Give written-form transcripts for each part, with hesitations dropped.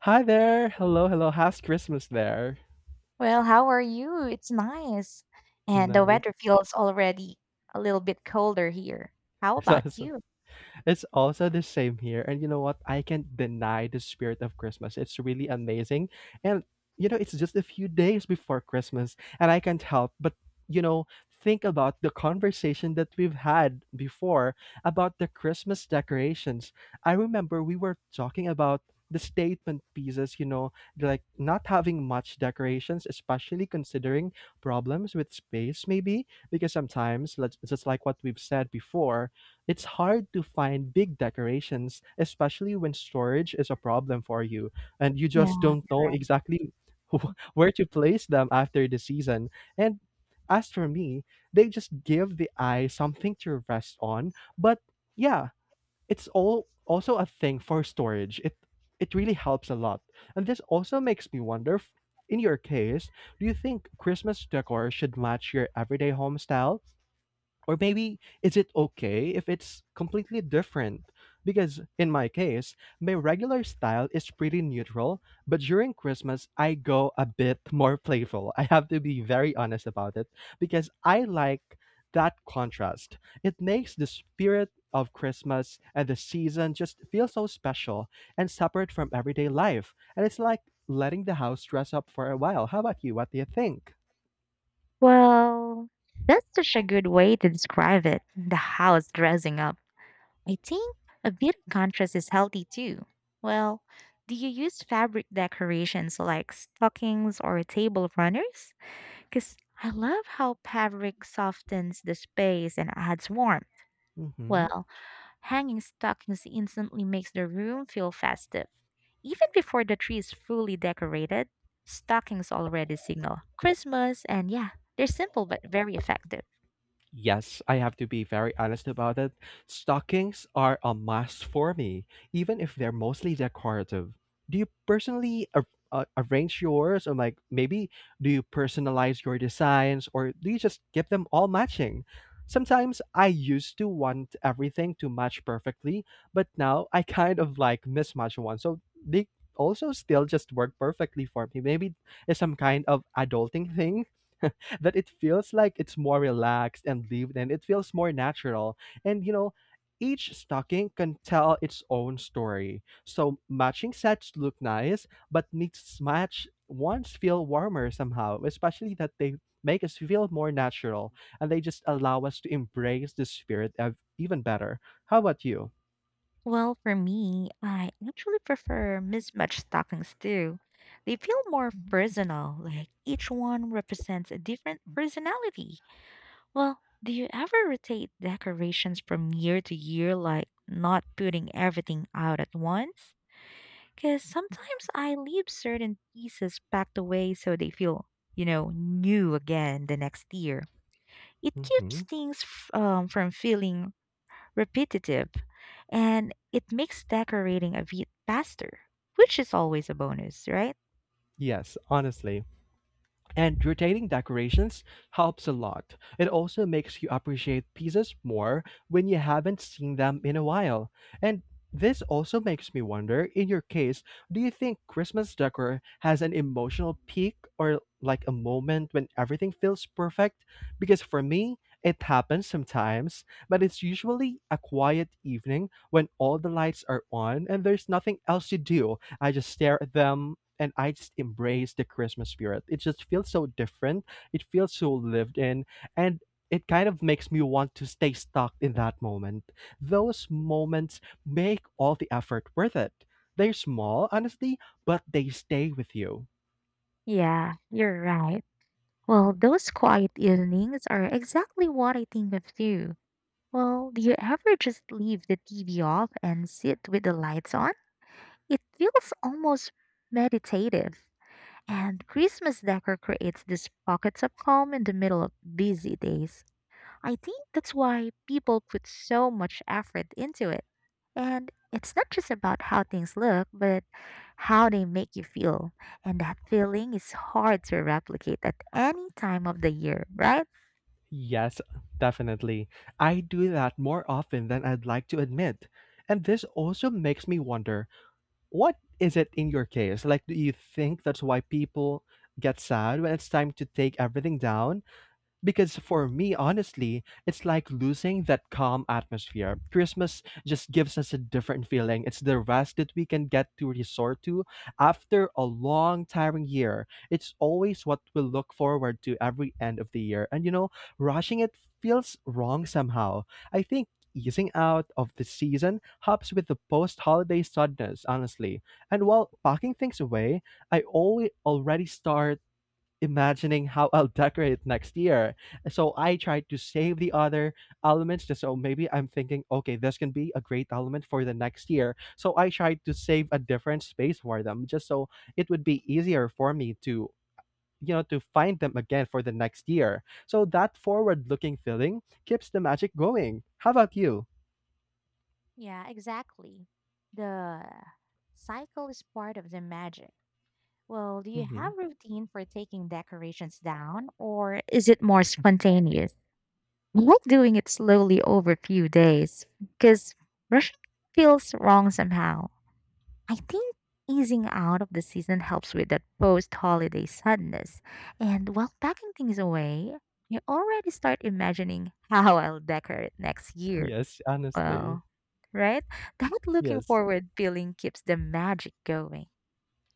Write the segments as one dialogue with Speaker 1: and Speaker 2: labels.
Speaker 1: Hi there. Hello, hello. How's Christmas there?
Speaker 2: Well, how are you? It's nice. And the
Speaker 1: Nice.
Speaker 2: weather feels already a little bit colder here. How about you?
Speaker 1: It's also the same here. And you know what? I can't deny the spirit of Christmas. It's really amazing. And you know, it's just a few days before Christmas, and I can't help but, you know, think about the conversation that we've had before about the Christmas decorations. I remember we were talking about the statement pieces, you know, like not having much decorations, especially considering problems with space, maybe, because sometimes, just like what we've said before, it's hard to find big decorations, especially when storage is a problem for you and you just
Speaker 2: Yeah.
Speaker 1: don't know exactly where to place them after the season. And as for me, they just give the eye something to rest on. But yeah, it's all also a thing for storage. It really helps a lot. And this also makes me wonder in your case, do you think Christmas decor should match your everyday home style? Or maybe is it okay if it's completely different? Because in my case, my regular style is pretty neutral, but during Christmas, I go a bit more playful. I have to be very honest about it because I like that contrast. It makes the spirit of Christmas and the season just feel so special and separate from everyday life. And it's like letting the house dress up for a while. How about you? What do you think?
Speaker 2: Well, that's such a good way to describe it. The house dressing up. I think a bit of contrast is healthy too. Well, do you use fabric decorations like stockings or table runners? Because I love how fabric softens the space and adds warmth. Well, hanging stockings instantly makes the room feel festive. Even before the tree is fully decorated, stockings already signal Christmas, and yeah, they're simple but very effective.
Speaker 1: Yes, I have to be very honest about it. Stockings are a must for me, even if they're mostly decorative. Do you personally arrange yours, or like maybe do you personalize your designs, or do you just get them all matching? Sometimes I used to want everything to match perfectly, but now I kind of like mismatch one. So they also still just work perfectly for me. Maybe it's some kind of adulting thing that it feels like it's more relaxed and lived in. It feels more natural. And you know, each stocking can tell its own story. So matching sets look nice, but mismatched ones feel warmer somehow, especially that they make us feel more natural and they just allow us to embrace the spirit of even better. How about you?
Speaker 2: Well, for me, I actually prefer mismatched stockings too. They feel more personal, like each one represents a different personality. Well, do you ever rotate decorations from year to year, like not putting everything out at once? Because sometimes I leave certain pieces packed away so they feel, new again the next year. It keeps
Speaker 1: Hmm.
Speaker 2: things from feeling repetitive, and it makes decorating a bit faster, which is always a bonus, right?
Speaker 1: Yes, honestly. And rotating decorations helps a lot. It also makes you appreciate pieces more when you haven't seen them in a while. And this also makes me wonder in your case, do you think Christmas decor has an emotional peak or like a moment when everything feels perfect? Because for me, it happens sometimes, but it's usually a quiet evening when all the lights are on and there's nothing else to do. I just stare at them and I just embrace the Christmas spirit. It just feels so different. It feels so lived in and it kind of makes me want to stay stuck in that moment. Those moments make all the effort worth it. They're small, honestly, but they stay with you.
Speaker 2: Yeah, you're right. Well, those quiet evenings are exactly what I think of too. Well, do you ever just leave the TV off and sit with the lights on? It feels almost meditative. And Christmas decor creates these pockets of calm in the middle of busy days. I think that's why people put so much effort into it. And it's not just about how things look, but how they make you feel. And that feeling is hard to replicate at any time of the year, right?
Speaker 1: Yes, definitely. I do that more often than I'd like to admit. And this also makes me wonder what is it in your case? Like, do you think that's why people get sad when it's time to take everything down? Because for me, honestly, it's like losing that calm atmosphere. Christmas just gives us a different feeling. It's the rest that we can get to resort to after a long, tiring year. It's always what we look forward to every end of the year. And you know, rushing it feels wrong somehow. I think easing out of the season helps with the post holiday suddenness, honestly. And while packing things away, I always already start imagining how I'll decorate next year. So I try to save the other elements just so maybe I'm thinking, okay, this can be a great element for the next year. So I try to save a different space for them just so it would be easier for me to you know to find them again for the next year. So that forward looking feeling keeps the magic going. How about you?
Speaker 2: Yeah, exactly. The cycle is part of the magic. Well, do you
Speaker 1: Hmm.
Speaker 2: have routine for taking decorations down, or is it more spontaneous? I like doing it slowly over a few days because rushing feels wrong somehow. I think easing out of the season helps with that post holiday sadness. And while packing things away, I already start imagining how I'll decorate next year.
Speaker 1: Yes, honestly.
Speaker 2: Well, right? That looking
Speaker 1: Yes.
Speaker 2: forward feeling keeps the magic going.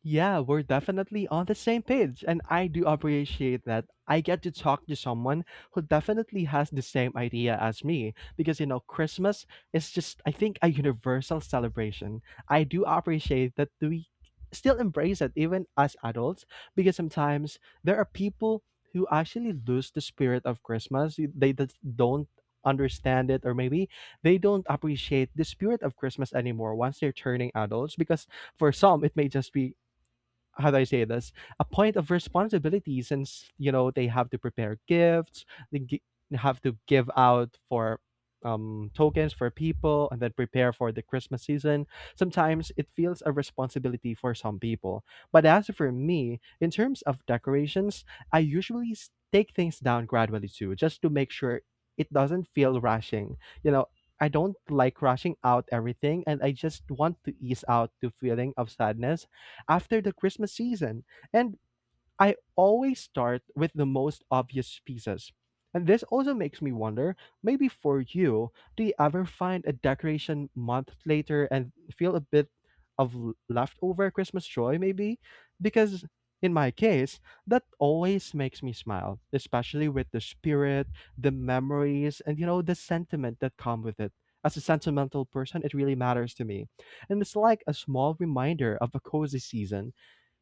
Speaker 1: Yeah, we're definitely on the same page, and I do appreciate that I get to talk to someone who definitely has the same idea as me because you know, Christmas is just, I think, a universal celebration. I do appreciate that we still embrace it, even as adults, because sometimes there are people who actually lose the spirit of Christmas. They just don't understand it, or maybe they don't appreciate the spirit of Christmas anymore once they're turning adults because for some it may just be how do I say this? A point of responsibility since you know they have to prepare gifts, they gi- have to give out for tokens for people, and then prepare for the Christmas season. Sometimes it feels a responsibility for some people, but as for me, in terms of decorations, I usually take things down gradually too, just to make sure it doesn't feel rushing. You know. I don't like rushing out everything, and I just want to ease out the feeling of sadness after the Christmas season. And I always start with the most obvious pieces. And this also makes me wonder maybe for you, do you ever find a decoration month later and feel a bit of leftover Christmas joy, maybe? Because in my case, that always makes me smile, especially with the spirit, the memories, and you know, the sentiment that come with it. As a sentimental person, it really matters to me. And it's like a small reminder of a cozy season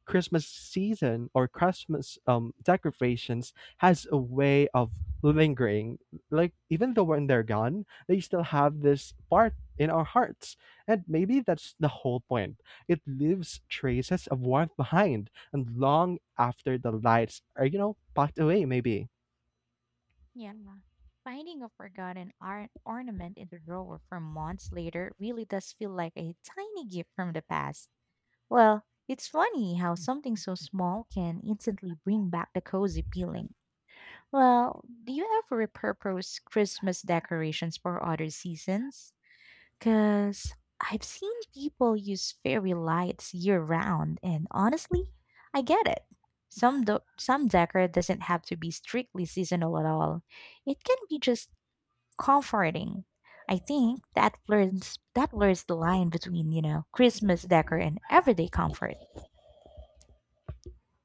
Speaker 1: Christmas season or Christmas decorations has a way of lingering. Like even though when they're gone, they still have this part in our hearts. And maybe that's the whole point. It leaves traces of warmth behind and long after the lights are, you know, packed away maybe.
Speaker 2: Yeah. Finding a forgotten ornament in the drawer from months later really does feel like a tiny gift from the past. Well, it's funny how something so small can instantly bring back the cozy feeling. Well, do you ever repurpose Christmas decorations for other seasons? Because I've seen people use fairy lights year round, and honestly, I get it. Some decor doesn't have to be strictly seasonal at all. It can be just comforting. I think that blurs the line between you know Christmas decor and everyday comfort.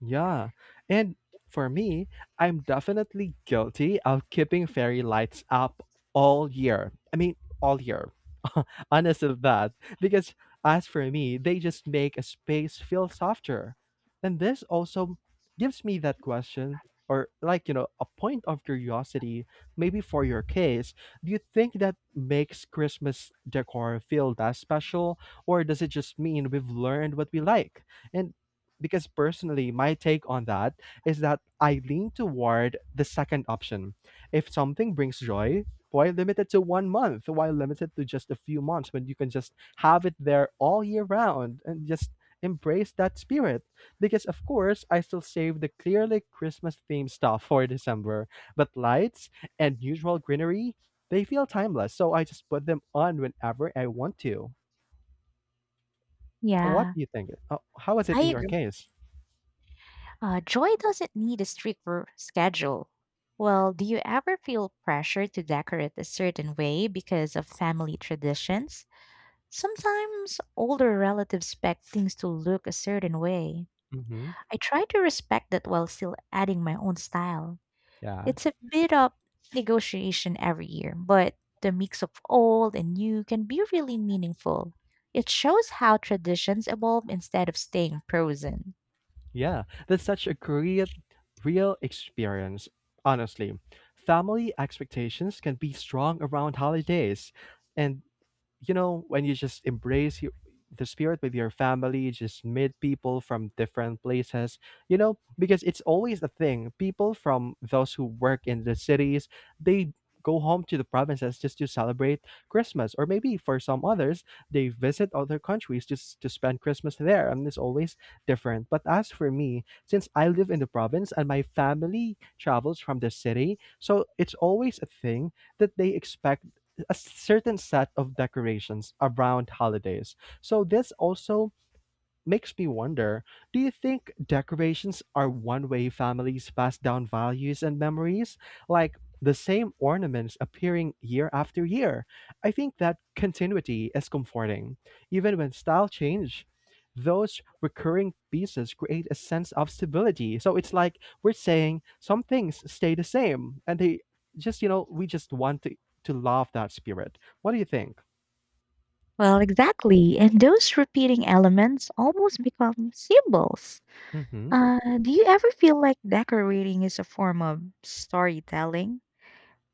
Speaker 1: Yeah. And for me, I'm definitely guilty of keeping fairy lights up all year. I mean, all year. Honest with that. Because as for me, they just make a space feel softer. And this also gives me that question or like, you know, a point of curiosity, maybe for your case, do you think that makes Christmas decor feel that special or does it just mean we've learned what we like? And because personally, my take on that is that I lean toward the second option. If something brings joy, why limit it to one month? Why limit it to just a few months when you can just have it there all year round and just embrace that spirit? Because, of course, I still save the clearly Christmas themed stuff for December, but lights and usual greenery, they feel timeless. So I just put them on whenever I want to. What
Speaker 2: Yeah,
Speaker 1: do you think? How is it
Speaker 2: I
Speaker 1: in your
Speaker 2: agree.
Speaker 1: case?
Speaker 2: Joy doesn't need a strict schedule. Well, do you ever feel pressure to decorate a certain way because of family traditions? Sometimes older relatives expect things to look a certain way.
Speaker 1: Mm-hmm.
Speaker 2: I try to respect that while still adding my own style.
Speaker 1: Yeah.
Speaker 2: It's a bit of negotiation every year, but the mix of old and new can be really meaningful. It shows how traditions evolve instead of staying frozen.
Speaker 1: Yeah, that's such a great real experience. Honestly, family expectations can be strong around holidays, and you know, when you just embrace the spirit with your family, just meet people from different places, you know, because it's always a thing. People from those who work in the cities, they go home to the provinces just to celebrate Christmas, or maybe for some others, they visit other countries just to spend Christmas there, and it's always different. But as for me, since I live in the province and my family travels from the city, so it's always a thing that they expect a certain set of decorations around holidays. So this also makes me wonder do you think decorations are one way families pass down values and memories? Like the same ornaments appearing year after year? I think that continuity is comforting. Even when style change, those recurring pieces create a sense of stability. So it's like we're saying some things stay the same and they just, you know, we just want to love that spirit. What do you think?
Speaker 2: Well, exactly. And those repeating elements almost become symbols.
Speaker 1: Hmm.
Speaker 2: Do you ever feel like decorating is a form of storytelling?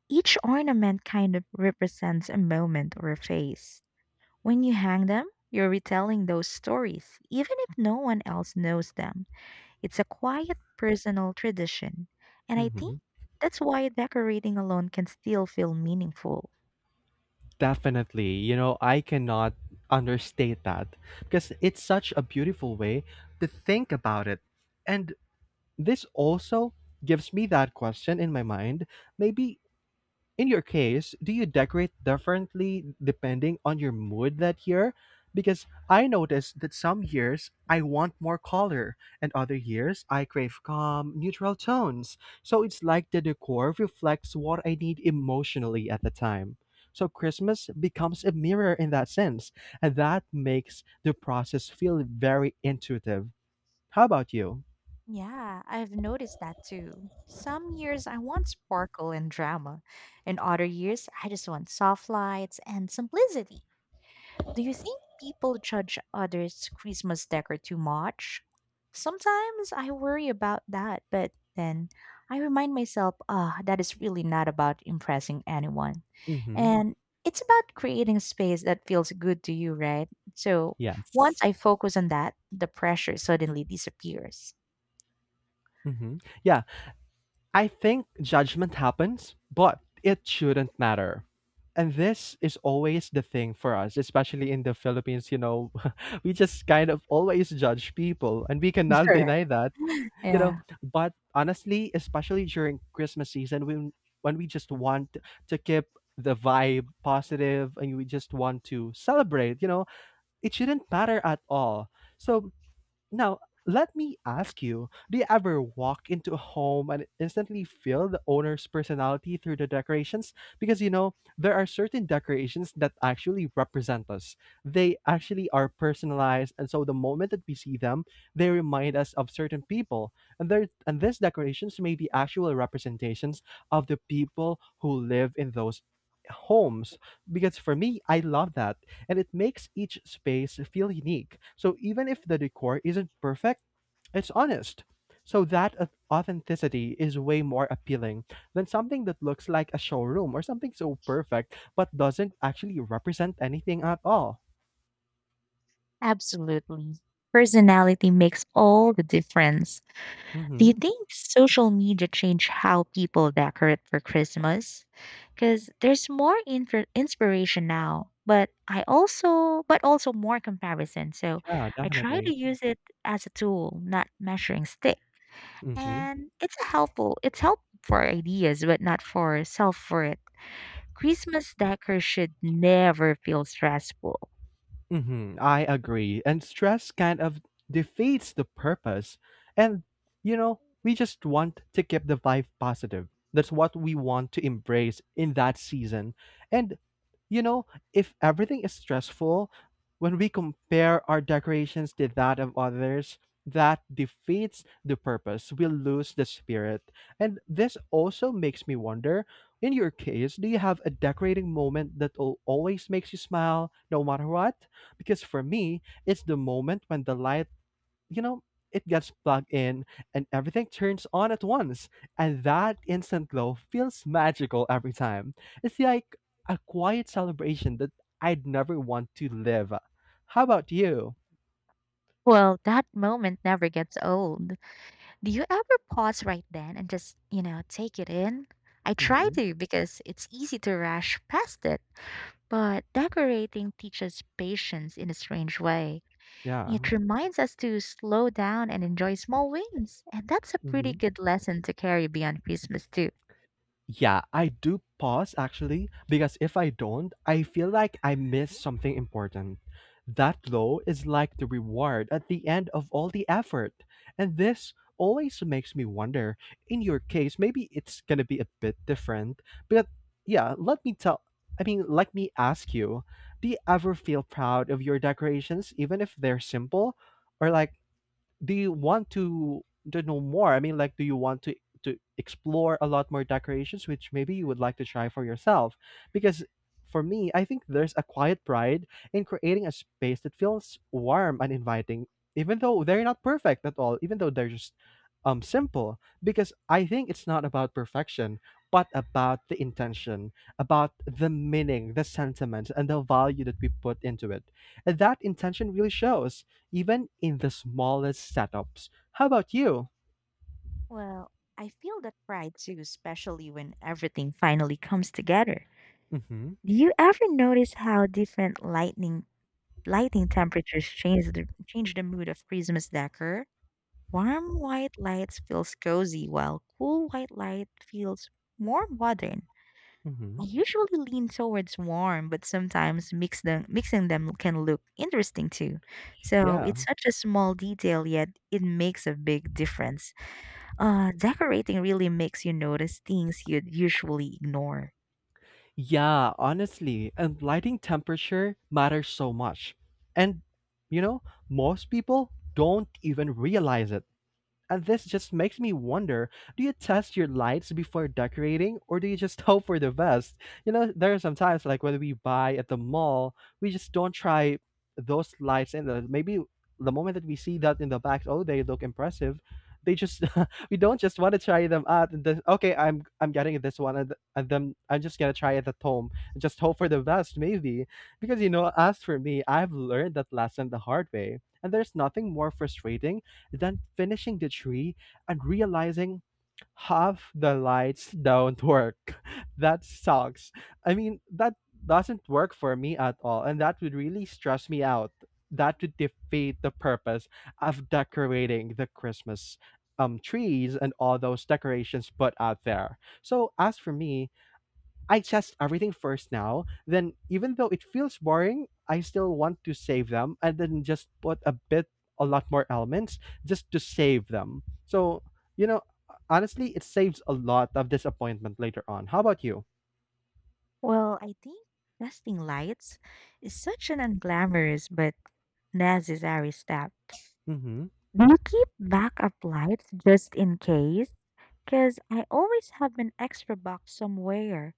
Speaker 2: Each ornament kind of represents a moment or a phase. When you hang them, you're retelling those stories, even if no one else knows them. It's a quiet personal tradition. And I think
Speaker 1: Hmm.
Speaker 2: that's why decorating alone can still feel meaningful.
Speaker 1: Definitely. You know, I cannot understate that because it's such a beautiful way to think about it. And this also gives me that question in my mind. Maybe in your case, do you decorate differently depending on your mood that year? Because I noticed that some years I want more color, and other years I crave calm, neutral tones. So it's like the decor reflects what I need emotionally at the time. So Christmas becomes a mirror in that sense, and that makes the process feel very intuitive. How about you?
Speaker 2: Yeah, I've noticed that too. Some years I want sparkle and drama, and other years I just want soft lights and simplicity. Do you think people judge others' Christmas decor too much? Sometimes I worry about that, but then I remind myself, ah, that is really not about impressing anyone.
Speaker 1: Mm-hmm.
Speaker 2: And it's about creating a space that feels good to you, right? So once
Speaker 1: Yes.
Speaker 2: I focus on that, the pressure suddenly disappears.
Speaker 1: Mm-hmm. Yeah, I think judgment happens, but it shouldn't matter. And this is always the thing for us, especially in the Philippines. You know, we just kind of always judge people, and we cannot
Speaker 2: Correct.
Speaker 1: deny that, you know.
Speaker 2: Yeah,
Speaker 1: But honestly, especially during Christmas season, when we just want to keep the vibe positive and we just want to celebrate, you know, it shouldn't matter at all. So now, let me ask you, do you ever walk into a home and instantly feel the owner's personality through the decorations? Because you know, there are certain decorations that actually represent us. They actually are personalized, and so the moment that we see them, they remind us of certain people. And these decorations may be actual representations of the people who live in those homes. Because for me, I love that and it makes each space feel unique. So even if the decor isn't perfect, it's honest. So that authenticity is way more appealing than something that looks like a showroom or something so perfect but doesn't actually represent anything at all.
Speaker 2: absolutely. Personality makes all the difference. Do you
Speaker 1: Mm-hmm.
Speaker 2: think social media changed how people decorate for Christmas? Because there's more inspiration now, but also more comparison. So
Speaker 1: Yeah,
Speaker 2: I try
Speaker 1: definitely.
Speaker 2: to use it as a tool, not measuring stick.
Speaker 1: Mm-hmm.
Speaker 2: And it's a helpful. It's helpful for ideas, but not for self for it. Christmas decor should never feel stressful.
Speaker 1: Mm-hmm. I agree. And stress kind of defeats the purpose. And, you know, we just want to keep the vibe positive. That's what we want to embrace in that season. And you know, if everything is stressful, when we compare our decorations to that of others, that defeats the purpose. We lose the spirit. And this also makes me wonder in your case, do you have a decorating moment that always makes you smile no matter what? Because for me, it's the moment when the light, you know, it gets plugged in and everything turns on at once. And that instant glow feels magical every time. It's like a quiet celebration that I'd never want to live. How about you?
Speaker 2: Well, that moment never gets old. Do you ever pause right then and just, you know, take it in? I try
Speaker 1: Hmm.
Speaker 2: to because it's easy to rush past it, but decorating teaches patience in a strange way.
Speaker 1: Yeah.
Speaker 2: It reminds us to slow down and enjoy small wins, and that's a pretty
Speaker 1: Mm-hmm.
Speaker 2: good lesson to carry beyond Christmas, too.
Speaker 1: Yeah, I do pause actually because if I don't, I feel like I miss something important. That glow is like the reward at the end of all the effort. And this always makes me wonder. In your case, maybe it's going to be a bit different. But yeah, let me tell I mean, let me ask you, do you ever feel proud of your decorations even if they're simple or like do you want to know more? I mean, like, do you want to explore a lot more decorations, which maybe you would like to try for yourself? Because for me, I think there's a quiet pride in creating a space that feels warm and inviting, even though they're not perfect at all, even though they're just simple. Because I think it's not about perfection, but about the intention, about the meaning, the sentiment, and the value that we put into it. And that intention really shows even in the smallest setups. How about you?
Speaker 2: Well, I feel that pride too, especially when everything finally comes together.
Speaker 1: Mm-hmm.
Speaker 2: Do you ever notice how different lightning lighting temperatures change the mood of Christmas decor? Warm white lights feels cozy, while cool white light feels more modern.
Speaker 1: Mm-hmm.
Speaker 2: I usually lean towards warm, but sometimes mixing them can look interesting too. So
Speaker 1: Yeah.
Speaker 2: it's such a small detail, yet it makes a big difference. Decorating really makes you notice things you'd usually ignore.
Speaker 1: Yeah, honestly, and lighting temperature matters so much. And you know, most people don't even realize it. And this just makes me wonder, do you test your lights before decorating or do you just hope for the best? You know, there are some times like when we buy at the mall, we just don't try those lights. And the, maybe the moment that we see that in the back, oh, they look impressive. They just, we don't just want to try them out and then okay, I'm getting this one, and then I'm just gonna try it at home and just hope for the best maybe because, you know, as for me, I've learned that lesson the hard way and there's nothing more frustrating then finishing the tree and realizing half the lights don't work. that sucks. I mean, that doesn't work for me at all, and that would really stress me out. That would defeat the purpose of decorating the Christmas trees and all those decorations put out there. So as for me, I test everything first now. Then, even though it feels boring, I still want to save them and then just put a bit, a lot more elements just to save them. So, you know, honestly, it saves a lot of disappointment later on. How about you?
Speaker 2: Well, I think testing lights is such an unglamorous but necessary step.
Speaker 1: Mm-hmm.
Speaker 2: Do you keep backup lights just in case? Because I always have an extra box somewhere,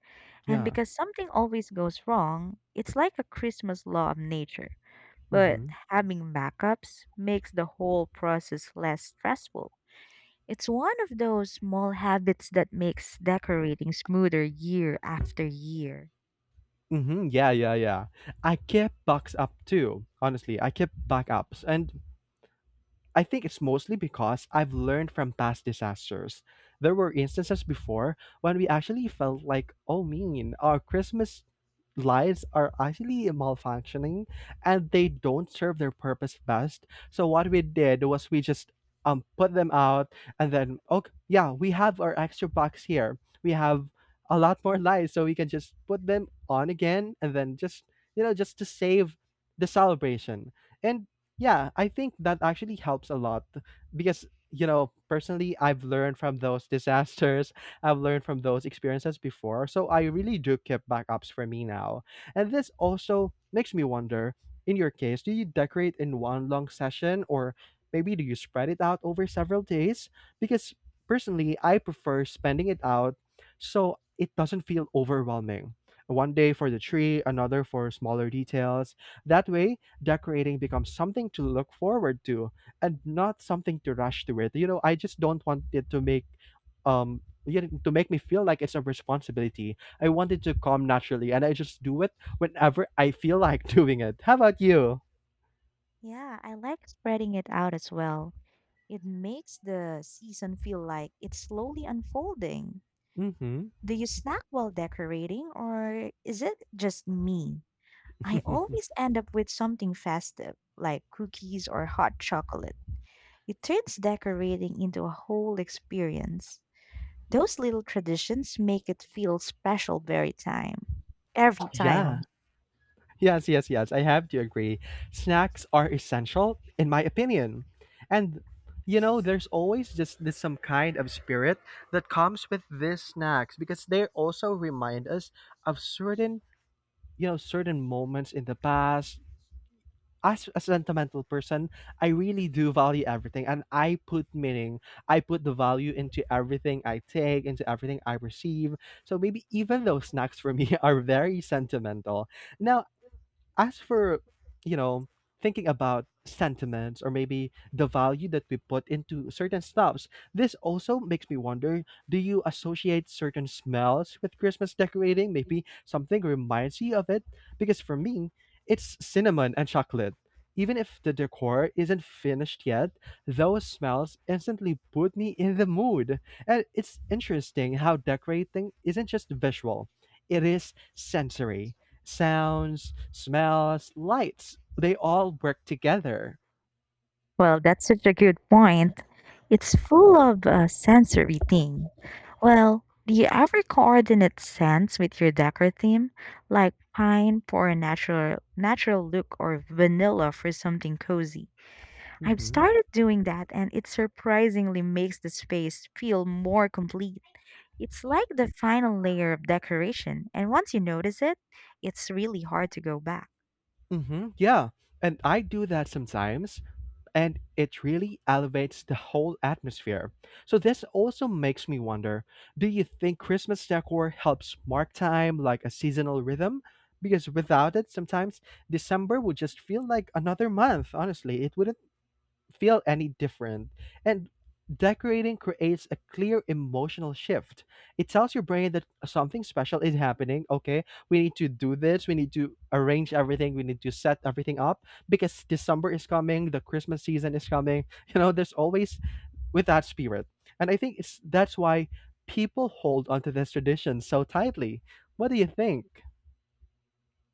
Speaker 2: and
Speaker 1: Yeah.
Speaker 2: because something always goes wrong, it's like a Christmas law of nature. But
Speaker 1: Mm-hmm.
Speaker 2: having backups makes the whole process less stressful. It's one of those small habits that makes decorating smoother year after year.
Speaker 1: Mm-hmm. Yeah, yeah, yeah. I kept backs up too. Honestly, I kept backups, and I think it's mostly because I've learned from past disasters. There were instances before when we actually felt like, oh, mean, our Christmas lights are actually malfunctioning and they don't serve their purpose best. So what we did was we just put them out and then okay, yeah, we have our extra box here, we have a lot more lights so we can just put them on again and then just, you know, just to save the celebration and yeah, I think that actually helps a lot because, you know, personally, I've learned from those disasters. I've learned from those experiences before. So I really do keep backups for me now. And this also makes me wonder in your case, do you decorate in one long session or maybe do you spread it out over several days? Because personally, I prefer spending it out so it doesn't feel overwhelming. One day for the tree, another for smaller details. That way, decorating becomes something to look forward to and not something to rush to it. You know, I just don't want it to make, um you know, to make me feel like it's a responsibility. I want it to come naturally and I just do it whenever I feel like doing it. How about you?
Speaker 2: Yeah, I like spreading it out as well. It makes the season feel like it's slowly unfolding.
Speaker 1: Mhm.
Speaker 2: Do you snack while decorating, or is it just me? I always end up with something festive, like cookies or hot chocolate. It turns decorating into a whole experience. Those little traditions make it feel special very time. Every
Speaker 1: yeah.
Speaker 2: time.
Speaker 1: Yes, yes, yes. I have to agree. Snacks are essential, in my opinion. And, you know, there's always just this some kind of spirit that comes with these snacks because they also remind us of certain, you know, certain moments in the past. As a sentimental person, I really do value everything and I put meaning, I put the value into everything I take, into everything I receive. So maybe even those snacks for me are very sentimental. Now, as for, you know, thinking about sentiments or maybe the value that we put into certain stuffs, this also makes me wonder, do you associate certain smells with Christmas decorating, maybe something reminds you of it? Because for me, it's cinnamon and chocolate. Even if the decor isn't finished yet, those smells instantly put me in the mood, and it's interesting how decorating isn't just visual, it is sensory. Sounds, smells, lights, they all work together.
Speaker 2: Well, that's such a good point. It's full of a sensory thing. Well, do you ever coordinate scents with your decor theme, like pine for a natural look or vanilla for something cozy? I've
Speaker 1: Mm-hmm.
Speaker 2: started doing that, and it surprisingly makes the space feel more complete. It's like the final layer of decoration, and once you notice it, it's really hard to go back.
Speaker 1: Mm-hmm. Yeah. And I do that sometimes, and it really elevates the whole atmosphere. So this also makes me wonder, do you think Christmas decor helps mark time like a seasonal rhythm? Because without it, sometimes December would just feel like another month, honestly. It wouldn't feel any different. And decorating creates a clear emotional shift. It tells your brain that something special is happening. Okay, we need to do this. We need to arrange everything. We need to set everything up because December is coming. The Christmas season is coming. You know, there's always with that spirit. And I think it's that's why people hold onto this tradition so tightly. What do you think?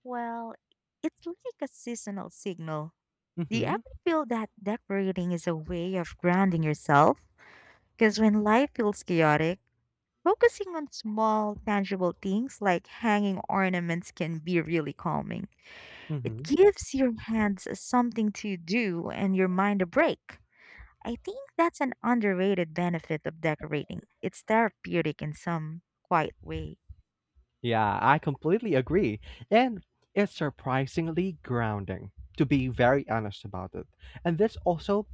Speaker 2: Well, it's like a seasonal signal. Do you
Speaker 1: Mm-hmm.
Speaker 2: ever feel that decorating is a way of grounding yourself? Because when life feels chaotic, focusing on small, tangible things like hanging ornaments can be really calming. It
Speaker 1: Mm-hmm.
Speaker 2: gives your hands something to do and your mind a break. I think that's an underrated benefit of decorating. It's therapeutic in some quiet way.
Speaker 1: Yeah, I completely agree. And it's surprisingly grounding, to be very honest about it. And that's also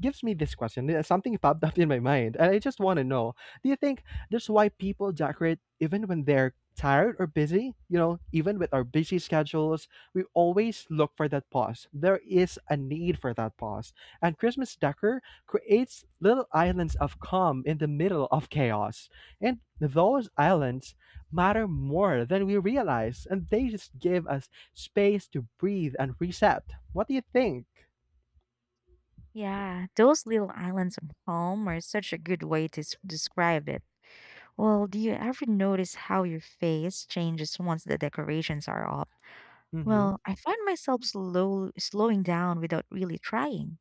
Speaker 1: gives me this question. Something popped up in my mind, and I just want to know: do you think that's why people decorate even when they're tired or busy? You know, even with our busy schedules, we always look for that pause. There is a need for that pause, and Christmas decor creates little islands of calm in the middle of chaos, and those islands matter more than we realize, and they just give us space to breathe and reset. What do you think?
Speaker 2: Yeah, those little islands of home are such a good way to describe it. Well, do you ever notice how your face changes once the decorations are up?
Speaker 1: Mm-hmm.
Speaker 2: Well, I find myself slowing down without really trying.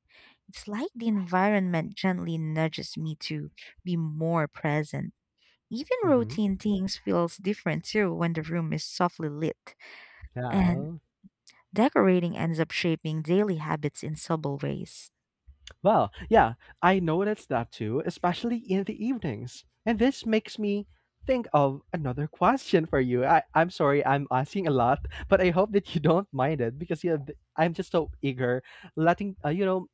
Speaker 2: It's like the environment gently nudges me to be more present. Even
Speaker 1: Mm-hmm.
Speaker 2: routine things feels different too when the room is softly lit, and
Speaker 1: Yeah.
Speaker 2: decorating ends up shaping daily habits in subtle ways.
Speaker 1: Well, yeah, I noticed that too, especially in the evenings. And this makes me think of another question for you. I'm sorry I'm asking a lot, but I hope that you don't mind it because yeah, I'm just so eager letting, you know,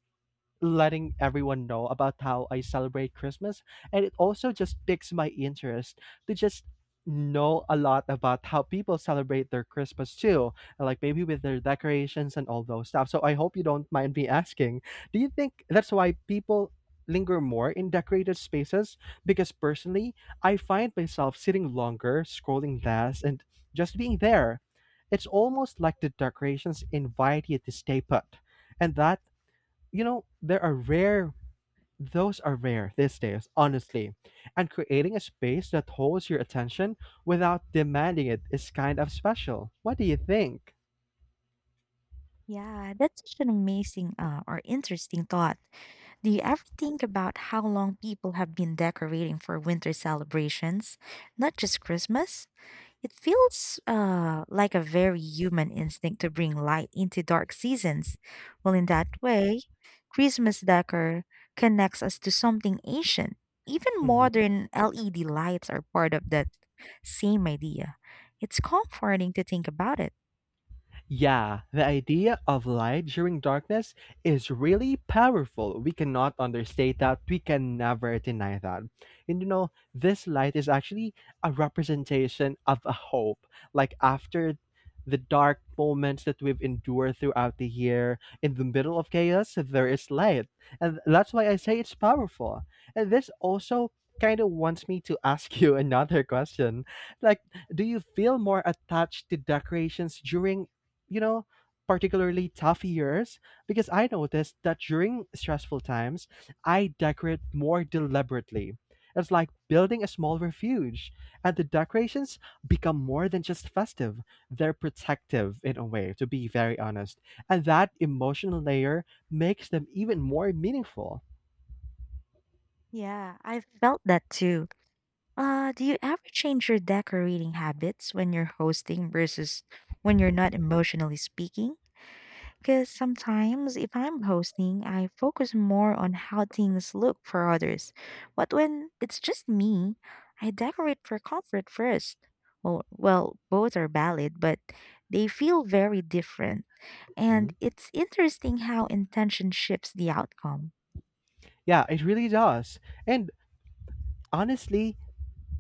Speaker 1: letting everyone know about how I celebrate Christmas. And it also just piques my interest to just know a lot about how people celebrate their Christmas too, like maybe with their decorations and all those stuff. So I hope you don't mind me asking. Do you think that's why people linger more in decorated spaces? Because personally, I find myself sitting longer, scrolling less, and just being there. It's almost like the decorations invite you to stay put. And that, you know, those are rare these days, honestly. And creating a space that holds your attention without demanding it is kind of special. What do you think?
Speaker 2: Yeah, that's such an amazing or interesting thought. Do you ever think about how long people have been decorating for winter celebrations? Not just Christmas? It feels like a very human instinct to bring light into dark seasons. Well, in that way, Christmas decor connects us to something ancient. Even
Speaker 1: Mm-hmm.
Speaker 2: modern LED lights are part of that same idea. It's comforting to think about it.
Speaker 1: Yeah, the idea of light during darkness is really powerful. We cannot understate that. We can never deny that. And you know, this light is actually a representation of a hope. Like after the dark moments that we've endured throughout the year, in the middle of chaos, there is light. And that's why I say it's powerful. And this also kind of wants me to ask you another question. Like, do you feel more attached to decorations during, you know, particularly tough years, because I noticed that during stressful times, I decorate more deliberately. It's like building a small refuge, and the decorations become more than just festive. They're protective in a way, to be very honest. And that emotional layer makes them even more meaningful.
Speaker 2: Yeah, I've felt that too. Do you ever change your decorating habits when you're hosting versus when you're not emotionally speaking? Because sometimes if I'm hosting, I focus more on how things look for others. But when it's just me, I decorate for comfort first. Well, both are valid, but they feel very different. And
Speaker 1: Mhm.
Speaker 2: it's interesting how intention shifts the outcome.
Speaker 1: Yeah, it really does. And honestly,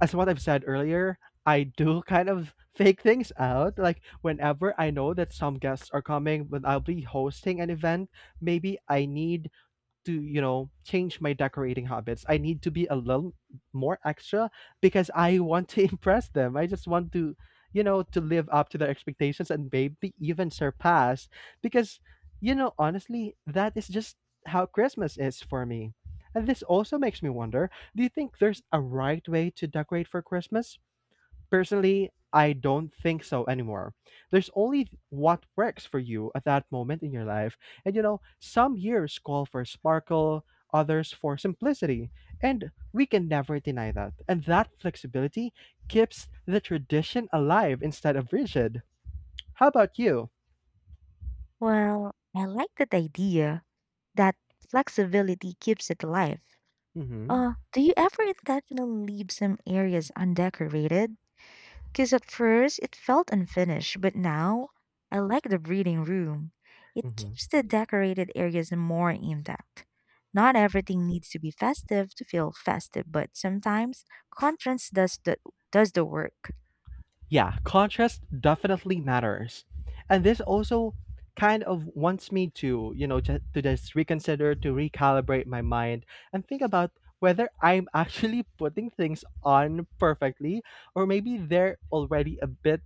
Speaker 1: as what I've said earlier, I do kind of fake things out. Like whenever I know that some guests are coming, but I'll be hosting an event, maybe I need to, you know, change my decorating habits. I need to be a little more extra because I want to impress them. I just want to, you know, to live up to their expectations and maybe even surpass because, you know, honestly, that is just how Christmas is for me. And this also makes me wonder, do you think there's a right way to decorate for Christmas? Personally, I don't think so anymore. There's only what works for you at that moment in your life. And you know, some years call for sparkle, others for simplicity. And we can never deny that. And that flexibility keeps the tradition alive instead of rigid. How about you?
Speaker 2: Well, I like that idea that flexibility keeps it alive.
Speaker 1: Mm-hmm.
Speaker 2: Do you ever intentionally leave some areas undecorated? Because at first it felt unfinished, but now I like the breathing room. It keeps
Speaker 1: Mm-hmm.
Speaker 2: the decorated areas more intact. Not everything needs to be festive to feel festive, but sometimes contrast does the work.
Speaker 1: Yeah, contrast definitely matters. And this also kind of wants me to, you know, to just reconsider, to recalibrate my mind and think about whether I'm actually putting things on perfectly or maybe they're already a bit,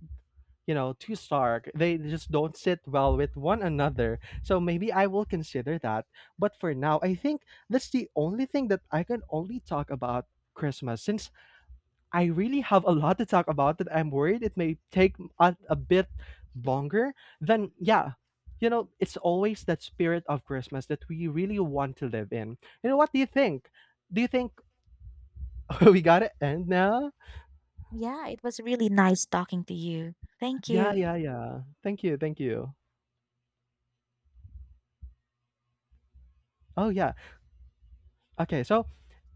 Speaker 1: you know, too stark. They just don't sit well with one another. So maybe I will consider that. But for now, I think that's the only thing that I can only talk about Christmas since I really have a lot to talk about that I'm worried it may take a bit longer. Then, yeah, you know, it's always that spirit of Christmas that we really want to live in. You know, what do you think? Do you think we got to end now?
Speaker 2: Yeah, it was really nice talking to you. Thank
Speaker 1: Yeah,
Speaker 2: you.
Speaker 1: yeah, yeah. Thank you, thank you. Oh, yeah. Okay, so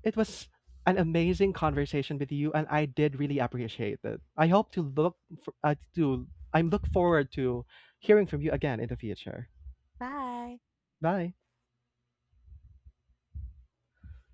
Speaker 1: it was an amazing conversation with you, and I did really appreciate it. I hope to look for, to I'm look forward to hearing from you again in the future.
Speaker 2: Bye.
Speaker 1: Bye.